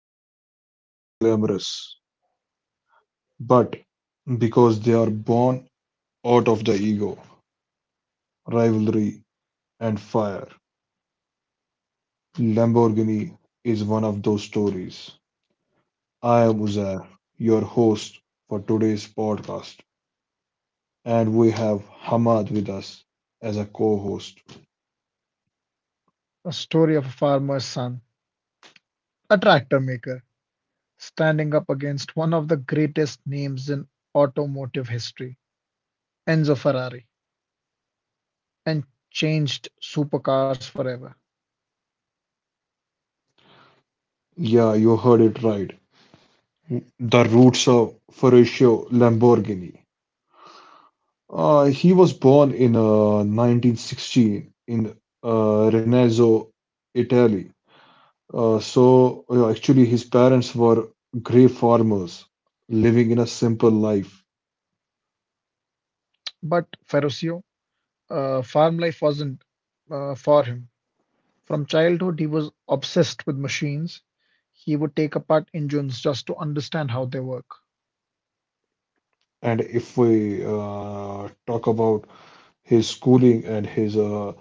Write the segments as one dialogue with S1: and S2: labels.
S1: not because they are glamorous, but because they are born out of the ego, rivalry, and fire. Lamborghini is one of those stories. I am Uzair, your host for today's podcast, and we have Hamad with us as a co host.
S2: A story of a farmer's son, a tractor maker, standing up against one of the greatest names in automotive history, Enzo Ferrari, and changed supercars forever.
S1: Yeah, you heard it right. The roots of Ferruccio Lamborghini. He was born in 1916 in uh, Renazzo, Italy. Actually, his parents were grey farmers living in a simple life.
S2: But Ferruccio, farm life wasn't for him. From childhood, he was obsessed with machines. He would take apart engines just to understand how they work.
S1: And if we talk about his schooling and his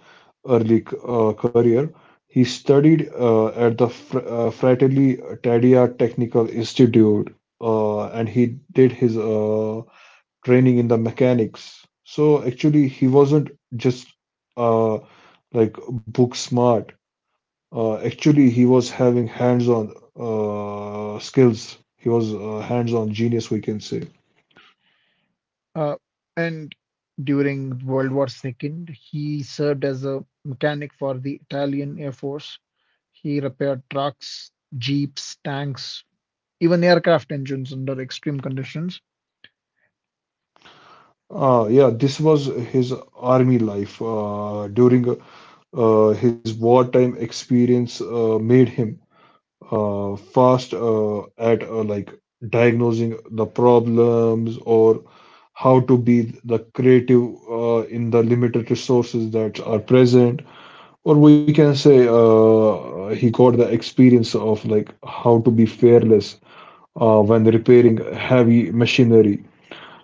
S1: early career, he studied at the Fr Fratelli Taddea Technical Institute, and he did his training in the mechanics. So actually, he wasn't just uh, like book smart. Actually, he was having hands-on skills. He was a hands-on genius, we can say.
S2: Uh, and during World War Two, he served as a mechanic for the Italian Air Force. He repaired trucks, jeeps, tanks, even aircraft engines under extreme conditions.
S1: Yeah, this was his army life during his wartime experience made him fast at like diagnosing the problems, or how to be the creative in the limited resources that are present, or we can say he got the experience of like how to be fearless when repairing heavy machinery.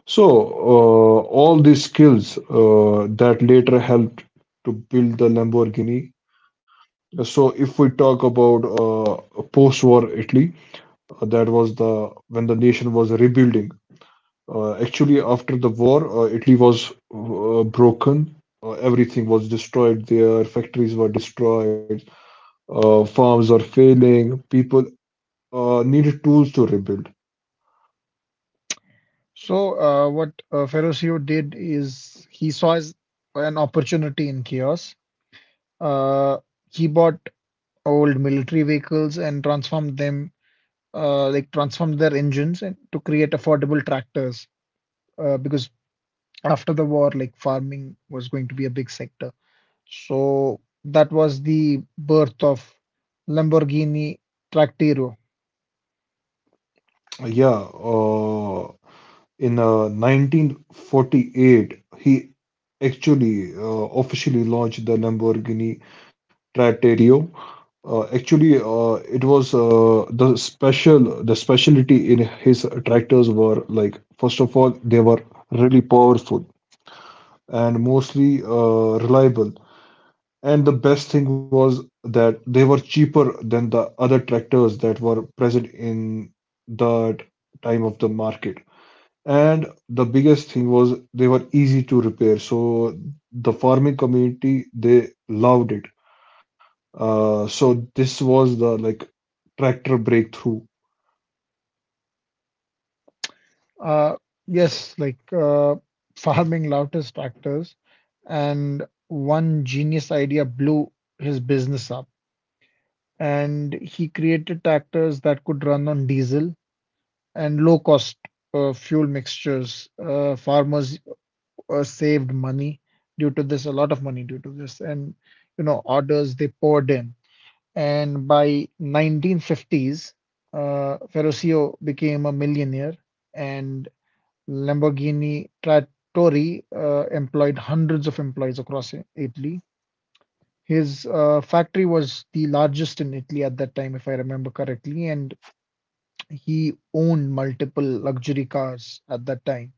S1: So all these skills that later helped to build the Lamborghini. So if we talk about post-war Italy, that was the when the nation was rebuilding. Actually, after the war, Italy was broken. Everything was destroyed. Their factories were destroyed. Farms are failing. People needed tools to rebuild.
S2: So, what Ferruccio did is he saw his, an opportunity in chaos. Uh, he bought old military vehicles and transformed them, transformed their engines and to create affordable tractors. Because after the war, like farming was going to be a big sector. So that was the birth of Lamborghini Tractero.
S1: Yeah, uh, in 1948, he actually officially launched the Lamborghini Traterio. Actually, it was the specialty in his tractors were like, first of all, they were really powerful and mostly reliable. And the best thing was that they were cheaper than the other tractors that were present in the time of the market. And the biggest thing was they were easy to repair. So the farming community, they loved it. So this was the like tractor breakthrough.
S2: Uh, yes, like farming loudest tractors, and one genius idea blew his business up. And he created tractors that could run on diesel and low cost fuel mixtures. Farmers saved money due to this, a lot of money due to this, and you know, orders they poured in. And by 1950s, Ferruccio became a millionaire and Lamborghini Trattori employed hundreds of employees across Italy. His factory was the largest in Italy at that time, if I remember correctly, and he owned multiple luxury cars at that time.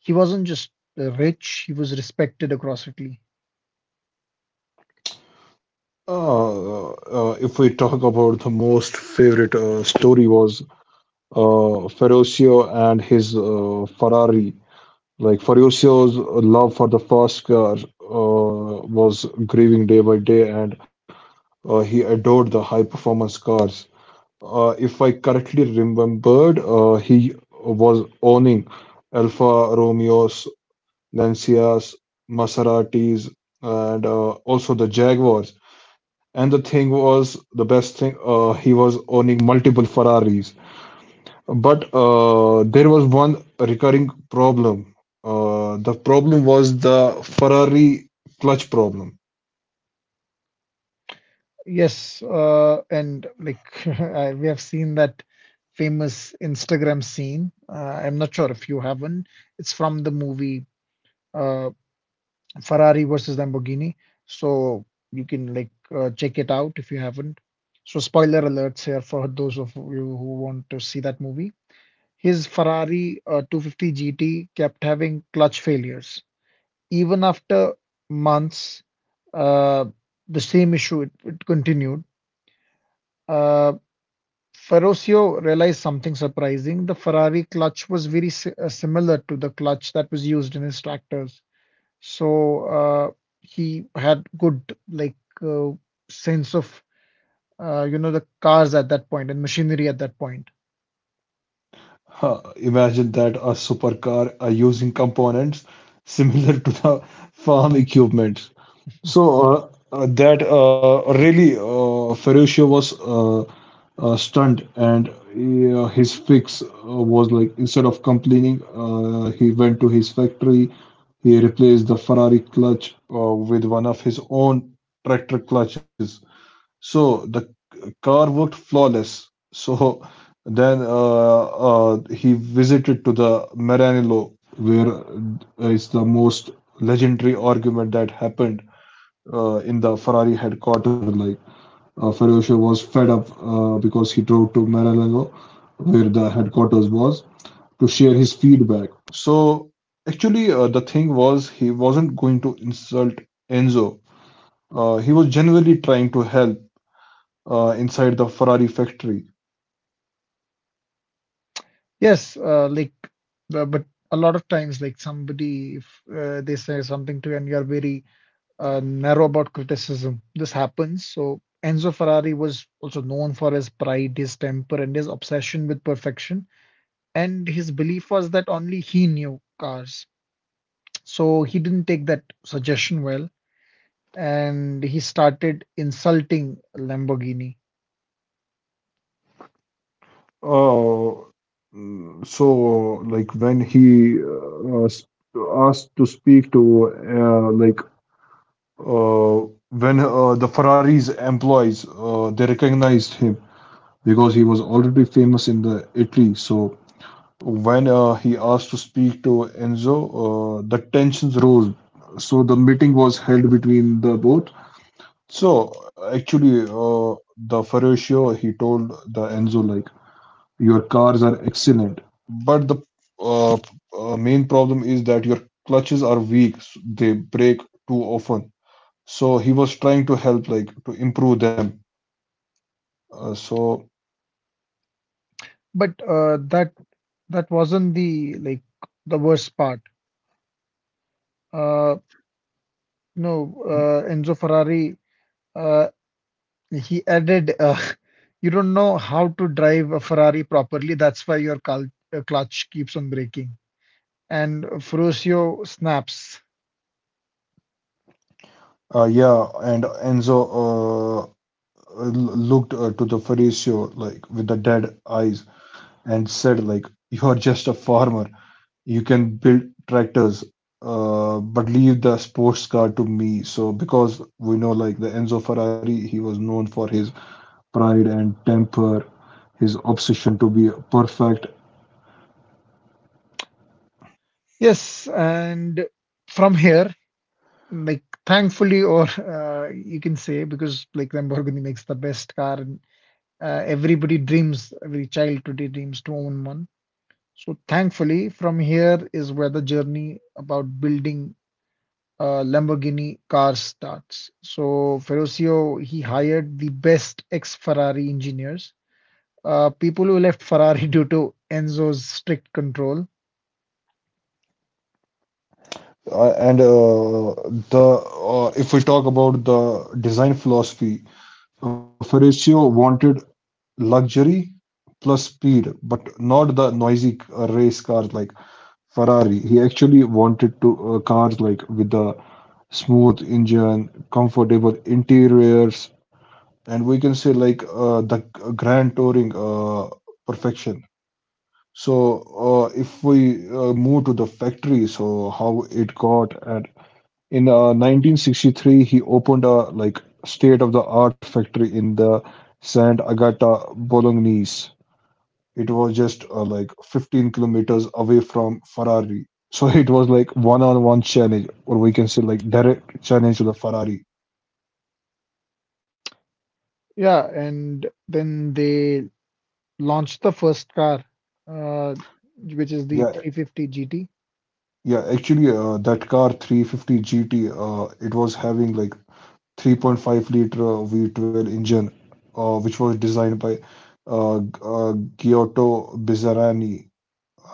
S2: He wasn't just rich, he was respected across Italy.
S1: If we talk about the most favorite story, was Ferruccio and his Ferrari. Like Ferruccio's love for the fast car was grieving day by day, and he adored the high performance cars. If I correctly remembered, he was owning Alfa Romeo's, Lancias, Maseratis, and also the Jaguars. And the thing was, the best thing, he was owning multiple Ferraris. But there was one recurring problem. The problem was the Ferrari clutch problem.
S2: Yes, and we have seen that famous Instagram scene. I'm not sure if you haven't. It's from the movie. Uh, Ferrari versus Lamborghini. So you can check it out if you haven't. So spoiler alerts here for those of you who want to see that movie. His Ferrari 250 GT kept having clutch failures. Even after months, uh, the same issue it continued. Uh, Ferruccio realized something surprising. The Ferrari clutch was very similar to the clutch that was used in his tractors. So he had good uh, sense of you know the cars at that point and machinery at that point.
S1: Huh, imagine that a supercar are using components similar to the farm equipment. So that really Ferruccio was stunned, and his fix was like, instead of complaining, he went to his factory. He replaced the Ferrari clutch with one of his own tractor clutches. So the car worked flawless. So then he visited to the Maranello, where is the most legendary argument that happened in the Ferrari headquarters. Like Ferruccio was fed up because he drove to Maranello, where the headquarters was, to share his feedback. So actually, the thing was he wasn't going to insult Enzo. He was genuinely trying to help inside the Ferrari factory.
S2: Yes, but a lot of times like somebody if they say something to you and you're very narrow about criticism, this happens. So Enzo Ferrari was also known for his pride, his temper, and his obsession with perfection. And his belief was that only he knew cars. So he didn't take that suggestion well and he started insulting Lamborghini.
S1: Uh, so like when he asked to speak to like uh, when the Ferrari's employees they recognized him because he was already famous in the Italy. So when he asked to speak to Enzo, the tensions rose. So the meeting was held between the both. So actually, the Ferruccio, he told the Enzo like, your cars are excellent, but the main problem is that your clutches are weak. They break too often, so he was trying to help like to improve them. uh, so
S2: But that wasn't the worst part. Uh, no, Enzo Ferrari uh, he added, you don't know how to drive a Ferrari properly. That's why your cal clutch keeps on breaking. And Ferruccio snaps.
S1: yeah, and Enzo uh, uh, looked to the Faricio like with the dead eyes and said like, you are just a farmer, you can build tractors, but leave the sports car to me. So because we know like the Enzo Ferrari, he was known for his pride and temper, his obsession to be perfect.
S2: Yes, and from here, like thankfully, or you can say because like Lamborghini makes the best car, everybody dreams, every child today dreams to own one. So thankfully, from here is where the journey about building Lamborghini cars starts. So Ferruccio, he hired the best ex-Ferrari engineers, people who left Ferrari due to Enzo's strict control.
S1: And the If we talk about the design philosophy, Ferruccio wanted luxury plus speed, but not the noisy race cars like Ferrari. He actually wanted to cars like with the smooth engine, comfortable interiors, and we can say like the grand touring perfection. So, if we move to the factory, so how it got, and in 1963, he opened a like state-of-the-art factory in the Sant'Agata Bolognese. It was just like 15 kilometers away from Ferrari. So it was like one-on-one challenge, or we can say like direct challenge to the Ferrari.
S2: Yeah, and then they launched the first car, uh, which is the
S1: Yeah,
S2: 350 GT.
S1: yeah. Actually, that car 350 GT, it was having like 3.5 liter V12 engine, which was designed by Giotto Bizzarani,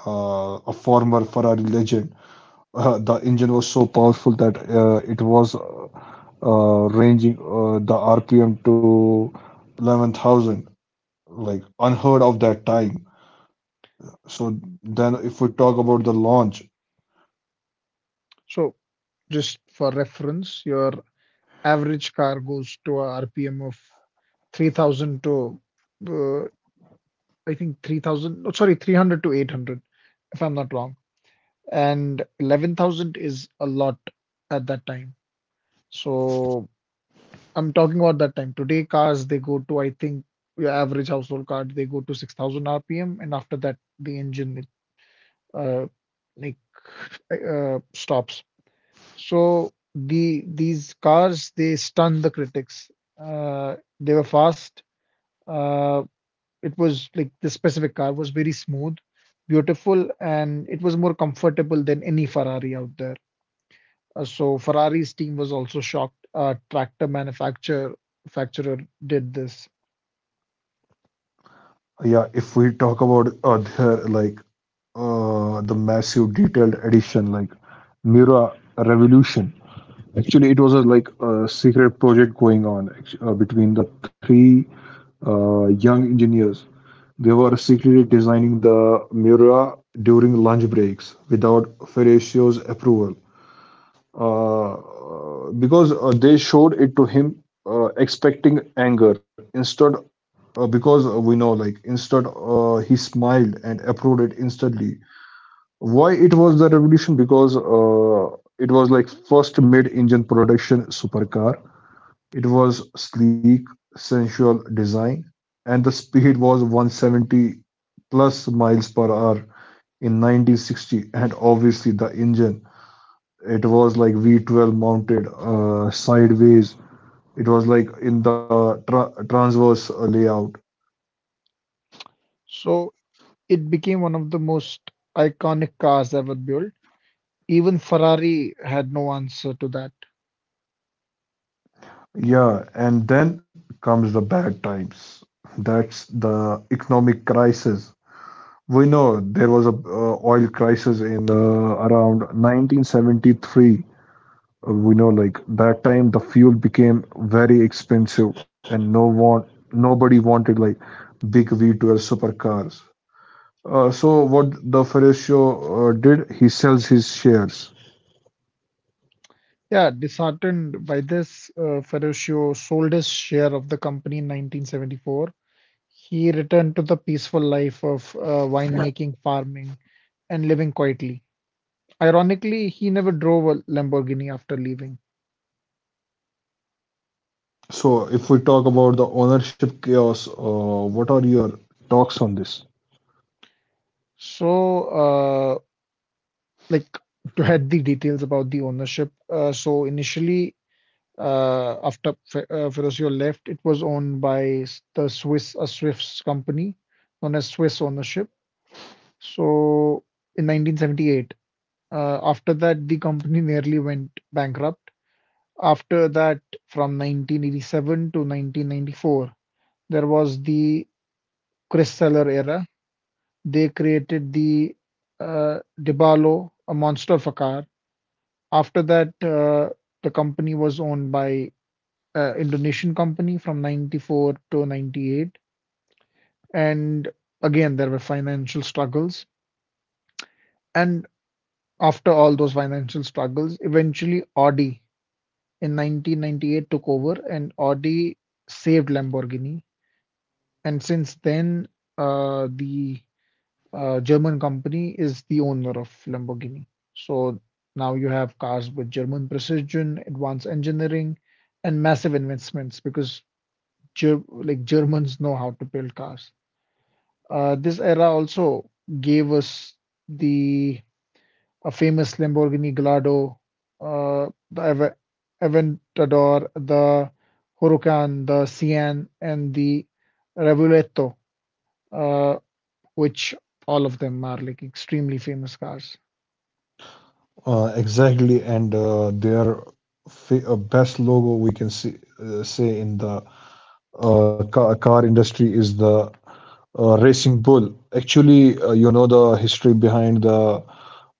S1: a former Ferrari legend. The engine was so powerful that it was ranging the RPM to 11,000, like unheard of that time. So then, if we talk about the launch.
S2: So just for reference, your average car goes to a RPM of 3000 to uh, I think 3000, no, sorry, 300 to 800, if I'm not wrong. And 11,000 is a lot at that time. So I'm talking about that time. Today, cars they go to, I think, your average household car they go to 6,000 RPM, and after that, the engine uh, like stops. So these cars they stun the critics. They were fast. Uh, it was like this specific car was very smooth, beautiful, and it was more comfortable than any Ferrari out there. So Ferrari's team was also shocked. Tractor manufacturer manufacturer did this.
S1: Yeah, if we talk about the massive detailed edition, like Mira Revolution. Actually, it was a, like a secret project going on between the three young engineers. They were secretly designing the Mira during lunch breaks without Ferruccio's approval, because they showed it to him, expecting anger. Instead, because we know like instant he smiled and approved it instantly. Why it was the revolution, because it was like first mid-engine production supercar. It was sleek, sensual design, and the speed was 170 plus miles per hour in 1960. And obviously the engine, it was like V12 mounted sideways. It was like in the transverse layout.
S2: So it became one of the most iconic cars ever built. Even Ferrari had no answer to that.
S1: Yeah, and then comes the bad times. That's the economic crisis. We know there was a oil crisis in around 1973. We know like that time the fuel became very expensive, and no one nobody wanted like big V12 supercars. So what the Ferruccio did, he sells his shares.
S2: Yeah, disheartened by this, Ferruccio sold his share of the company in 1974. He returned to the peaceful life of winemaking, farming, and living quietly. Ironically, he never drove a Lamborghini after leaving.
S1: So if we talk about the ownership chaos, what are your talks on this?
S2: So, uh, like to add the details about the ownership. So initially, after Ferruccio left, it was owned by s- the Swiss a Swiss company known as Swiss Ownership. So in 1978, after that, the company nearly went bankrupt. After that, from 1987 to 1994, there was the Chris Seller era. They created the DiBarlo, a monster of a car. After that, the company was owned by Indonesian company from 94 to 98. And again, there were financial struggles. And after all those financial struggles, eventually Audi in 1998 took over and Audi saved Lamborghini. And since then, the German company is the owner of Lamborghini. So now you have cars with German precision, advanced engineering, and massive investments because Germans know how to build cars. This era also gave us the a famous Lamborghini Gallardo, the Aventador, the Huracan, the Cian, and the Revuelto, which all of them are like extremely famous cars.
S1: Exactly, and their best logo we can see, say in the car industry, is the racing bull. Actually, you know the history behind the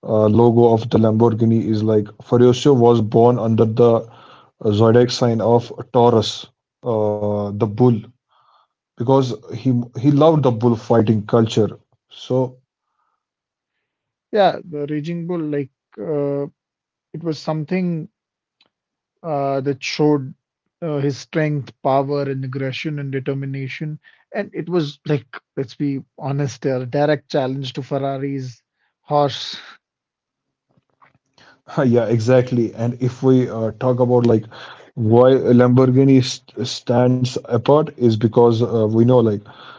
S1: logo of the Lamborghini is like Furioso was born under the zodiac sign of Taurus, the bull, because he loved the bullfighting culture. So
S2: Yeah, the Raging Bull, uh, it was something that showed his strength, power, and aggression and determination. And it was like, let's be honest here, a direct challenge to Ferrari's horse.
S1: yeah, exactly. And if we talk about like why Lamborghini st stands apart, is because we know like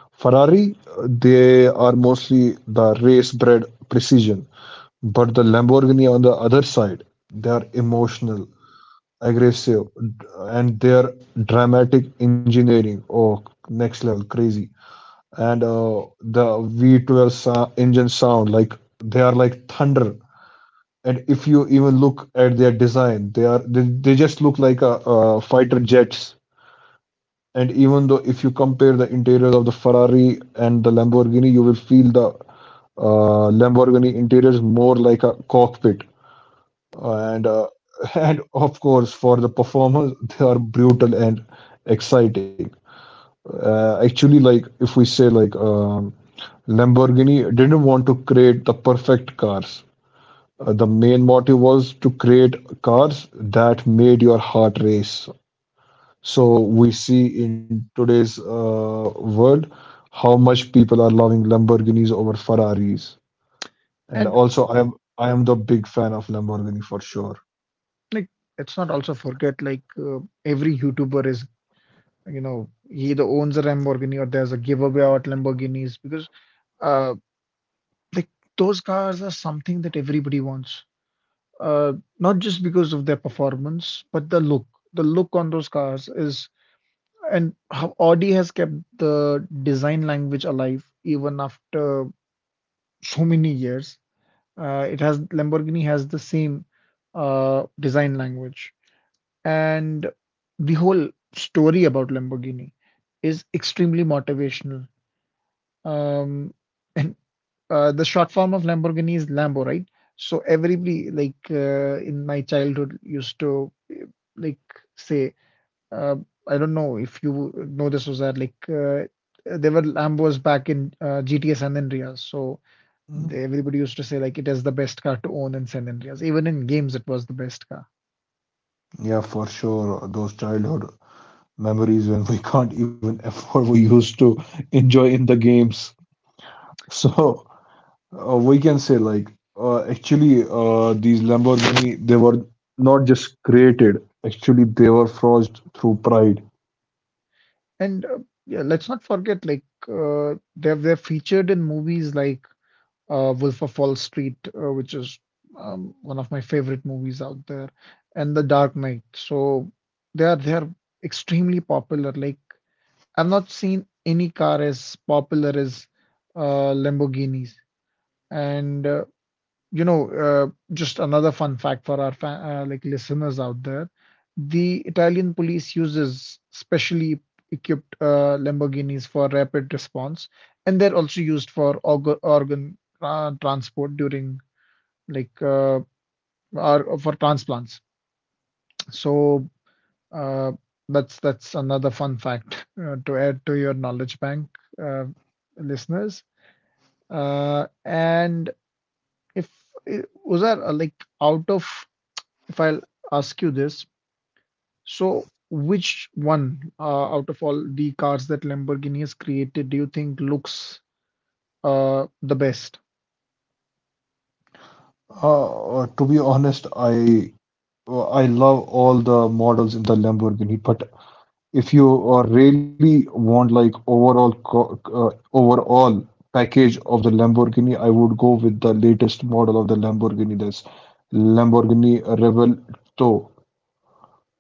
S1: Ferrari, they are mostly the race-bred precision, but the Lamborghini on the other side, they are emotional, aggressive, and their dramatic engineering. Oh, next level, crazy. And the V12 engine sound like they are like thunder. And if you even look at their design, they are they just look like a, uh, fighter jets. And even though if you compare the interiors of the Ferrari and the Lamborghini, you will feel the Lamborghini interiors more like a cockpit. And and of course, for the performers, they are brutal and exciting. Actually, like if we say like Lamborghini didn't want to create the perfect cars. The main motive was to create cars that made your heart race. So we see in today's world how much people are loving Lamborghinis over Ferraris. And
S2: And
S1: also, I am the big fan of Lamborghini for sure.
S2: like, let's not also forget, every YouTuber is, you know, he either owns a Lamborghini or there's a giveaway out Lamborghinis because uh, like those cars are something that everybody wants, uh, not just because of their performance, but the look. The look on those cars is, and how Audi has kept the design language alive even after so many years. It has Lamborghini has the same design language, and the whole story about Lamborghini is extremely motivational. Um, and the short form of Lamborghini is Lambo, right? So everybody, in my childhood, used to like say, uh, I don't know if you know this was that there were Lambos back in GTA San Andreas. So
S1: Mm.
S2: everybody used to say like it is the best car to own in San Andreas. Even in games, it was the best car.
S1: Yeah, for sure. Those childhood memories when we can't even afford, we used to enjoy in the games. So we can say like actually these Lamborghini, they were not just created. Actually, they were forged through pride.
S2: And yeah, let's not forget like they're featured in movies like Wolf of Wall Street, which is one of my favorite movies out there, and The Dark Knight. So they are extremely popular. Like I've not seen any car as popular as Lamborghinis, and you know, uh, just another fun fact for our fa like listeners out there, the Italian police uses specially equipped Lamborghinis for rapid response, and they're also used for organ transport during like uh, or for transplants. So uh, that's another fun fact to add to your knowledge bank, uh, listeners. And if uh, was that like out of if I'll ask you this, so which one out of all the cars that Lamborghini has created do you think looks the best?
S1: To be honest, I love all the models in the Lamborghini, but if you really want like overall package of the Lamborghini, I would go with the latest model of the Lamborghini. That's Lamborghini Revelto.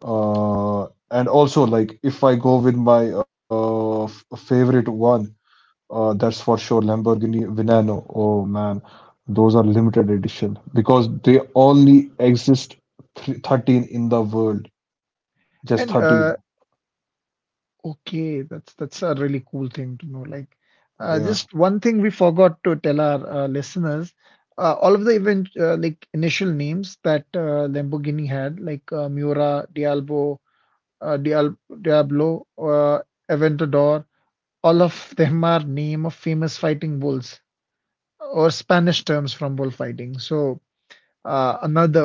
S1: Uh, and also, like, if I go with my favorite one, that's for sure Lamborghini Veneno. Oh man, those are limited edition because they only exist thr 13 in the world.
S2: And
S1: Just 13.
S2: Okay, that's a really cool thing to know. Like,
S1: Yeah.
S2: just one thing we forgot to tell our listeners, all of the event like initial names that Lamborghini had, like Miura, Diablo, Dial Diablo, Aventador, all of them are name of famous fighting bulls, or Spanish terms from bullfighting. So, another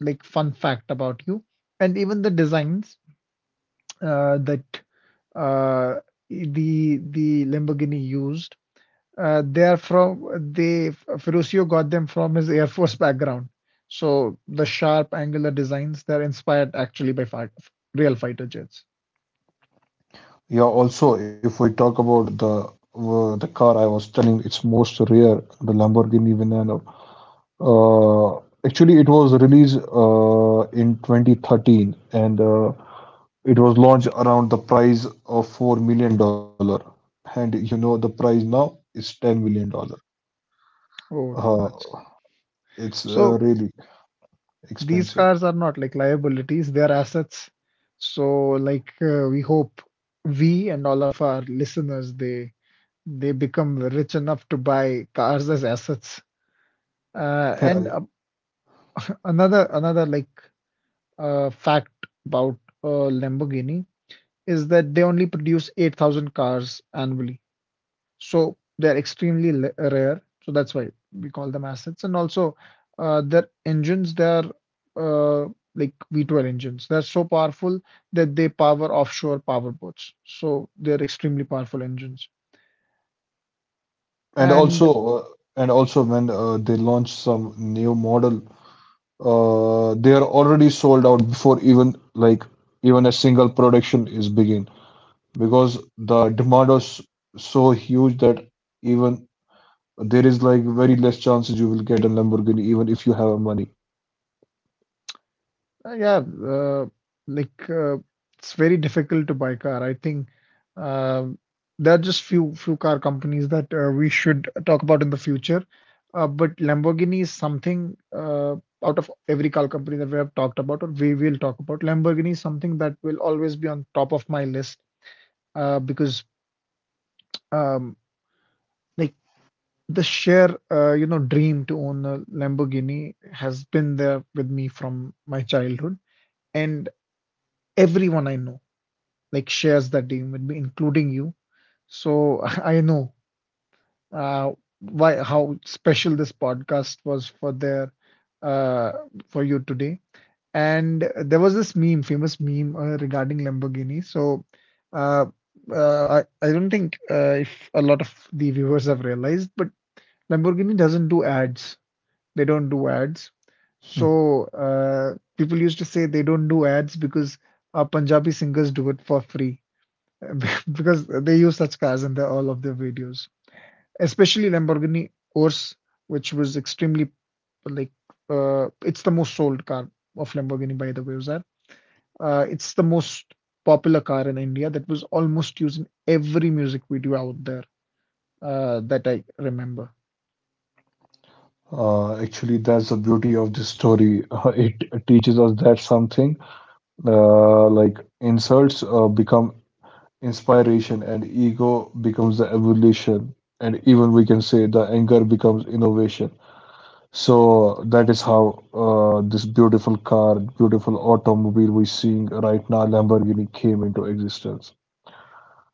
S2: fun fact about you, and even the designs that uh, the Lamborghini used, they are from they Ferruccio got them from his Air Force background. So the sharp angular designs they're inspired actually by real fighter jets.
S1: Yeah. Also, if we talk about the car I was telling, it's most rare, the Lamborghini Veneno. Uh, actually, it was released in 2013, and it was launched around the price of $4 million, and you know the price now is $10 million.
S2: Oh,
S1: Uh,
S2: that's
S1: it's
S2: so.
S1: really
S2: These
S1: expensive.
S2: cars are not like liabilities, they are assets. So we hope we and all of our listeners they become rich enough to buy cars as assets. Uh, and
S1: Yeah,
S2: uh, another fact about Lamborghini is that they only produce 8,000 cars annually. So they're extremely rare. So that's why we call them assets. And also, their engines, they're uh, V12 engines. They're so powerful that they power offshore power boats. So they're extremely powerful engines.
S1: and
S2: And
S1: also uh, and also when they launch some new model, they are already sold out before even like even a single production is begin, because the demand is so huge that even there is like very less chances you will get a Lamborghini even if you have money.
S2: Uh, yeah, uh, like uh, it's very difficult to buy car. I think um, there are just few car companies that we should talk about in the future. But Lamborghini is something out of every car company that we have talked about or we will talk about. Lamborghini is something that will always be on top of my list because um, like the sheer you know dream to own a Lamborghini has been there with me from my childhood and everyone I know, like shares that team, with me, including you. So I know uh, why how special this podcast was for their uh, for you today. And there was this meme, famous meme regarding Lamborghini. So uh, uh, I I don't think if a lot of the viewers have realized, but Lamborghini doesn't do ads. They don't do ads. So people used to say they don't do ads because Punjabi singers do it for free. Because they use such cars in all of their videos, especially Lamborghini Urus, which was extremely like it's the most sold car of Lamborghini, by the way, Uzar. It's the most popular car in India that was almost used in every music video out there, that I remember.
S1: Actually, that's the beauty of this story. It teaches us that something like insults become inspiration, and ego becomes the evolution. And even we can say the anger becomes innovation. So that is how this beautiful car, beautiful automobile we're seeing right now, Lamborghini, came into existence.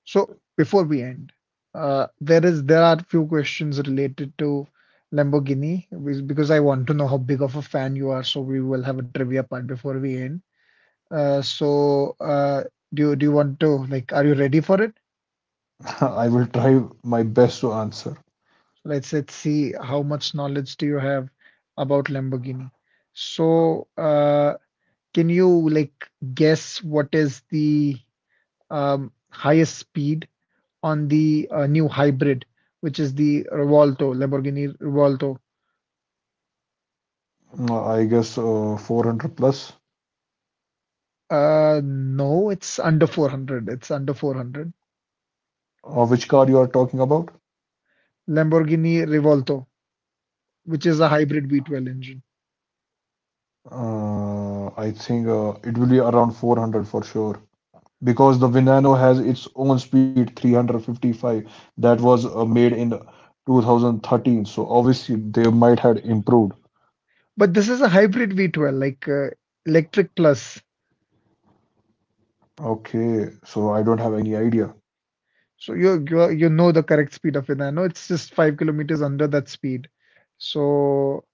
S2: So before we end, there are few questions related to Lamborghini because I want to know how big of a fan you are. So we will have a trivia part before we end. Uh, so, uh, do you want to, like, are you ready for it?
S1: I will try my best to answer.
S2: Let's see how much knowledge do you have about Lamborghini. So, uh, can you, like, guess what is the highest speed on the new hybrid, which is the Revolto, Lamborghini Revolto?
S1: I guess 400 plus.
S2: No, it's under 400. It's under 400.
S1: Which car you are talking about?
S2: Lamborghini Revolto, which is a hybrid V12 engine.
S1: I think it will be around 400 for sure, because the Venano has its own speed 355 that was made in 2013. So obviously they might have improved.
S2: But this is a hybrid V12, electric plus.
S1: Okay, so I don't have any idea.
S2: So you know the correct speed of it. I know it's just 5 kilometers under that speed. So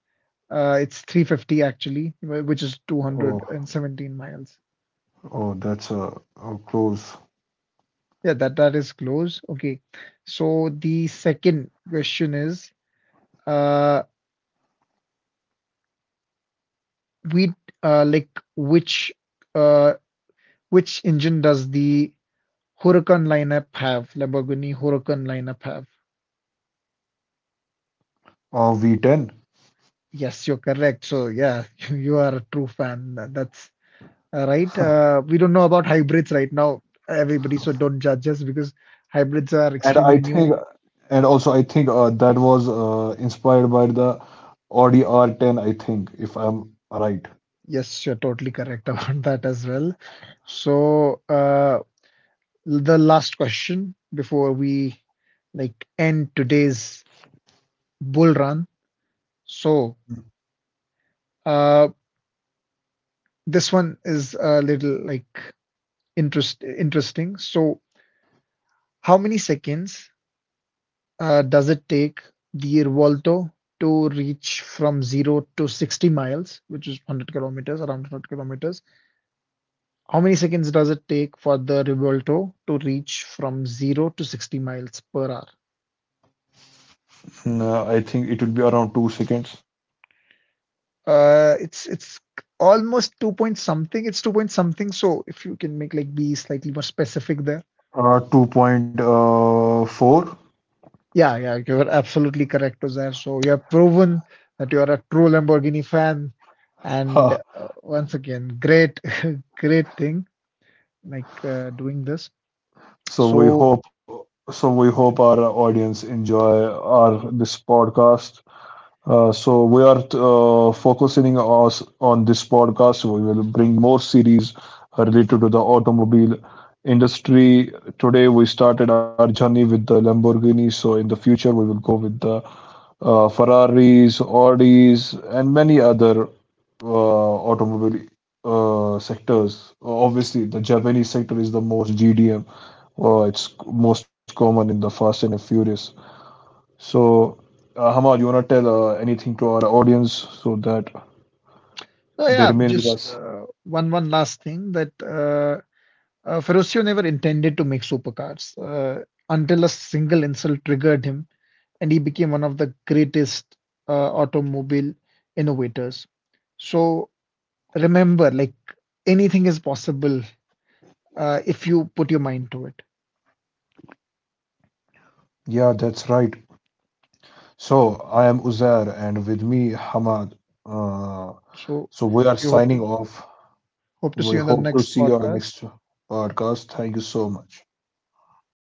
S2: it's 350 actually, which is
S1: Oh,
S2: 217 miles.
S1: oh, that's a close.
S2: Yeah, that that is close. Okay. So the second question is, uh, we like which uh which engine does the Huracan lineup have? Lamborghini Huracan lineup have?
S1: V10,
S2: Yes, you're correct. So yeah, you are a true fan. That's right. We don't know about hybrids right now, everybody. So don't judge us because hybrids are
S1: and I
S2: extremely
S1: think,
S2: new.
S1: and also I think that was inspired by the Audi R10. I think, if I'm right.
S2: Yes, you're totally correct about that as well. So the last question before we, like, end today's bull run. So uh, this one is a little like interesting. So how many seconds does it take the Revolto to reach from 0 to 60 miles, which is 100 kilometers, around 100 kilometers? How many seconds does it take for the Revolto to reach from 0 to 60 miles per hour?
S1: No, I think it will be around 2 seconds.
S2: It's almost 2 point something. It's 2 point something. So if you can make like be slightly more specific there.
S1: 2.4.
S2: Yeah, yeah, you're absolutely correct, Ozair. So you have proven that you are a true Lamborghini fan. And
S1: Ha.
S2: once again, great, great thing, doing this.
S1: So we
S2: So,
S1: hope so we hope our audience enjoy our this podcast. So we are focusing us on this podcast. We will bring more series related to the automobile industry. Today we started our journey with the Lamborghini. So in the future we will go with the Ferraris, Audis, and many other automobile sectors. Obviously, the Japanese sector is the most GDM. It's most common in the Fast and Furious. So, Hamal, you wanna tell anything to our audience so that
S2: so
S1: they
S2: yeah,
S1: remain with
S2: just
S1: us?
S2: one last thing that Ferruccio never intended to make supercars until a single insult triggered him, and he became one of the greatest automobile innovators. So remember, like, anything is possible if you put your mind to it.
S1: Yeah, that's right. So, I am Uzair, and with me, Hamad. Uh,
S2: So
S1: so, we are
S2: you
S1: signing off.
S2: hope to see
S1: We
S2: you on the
S1: hope to
S2: next
S1: see you on our
S2: podcast.
S1: next podcast. Thank you so much.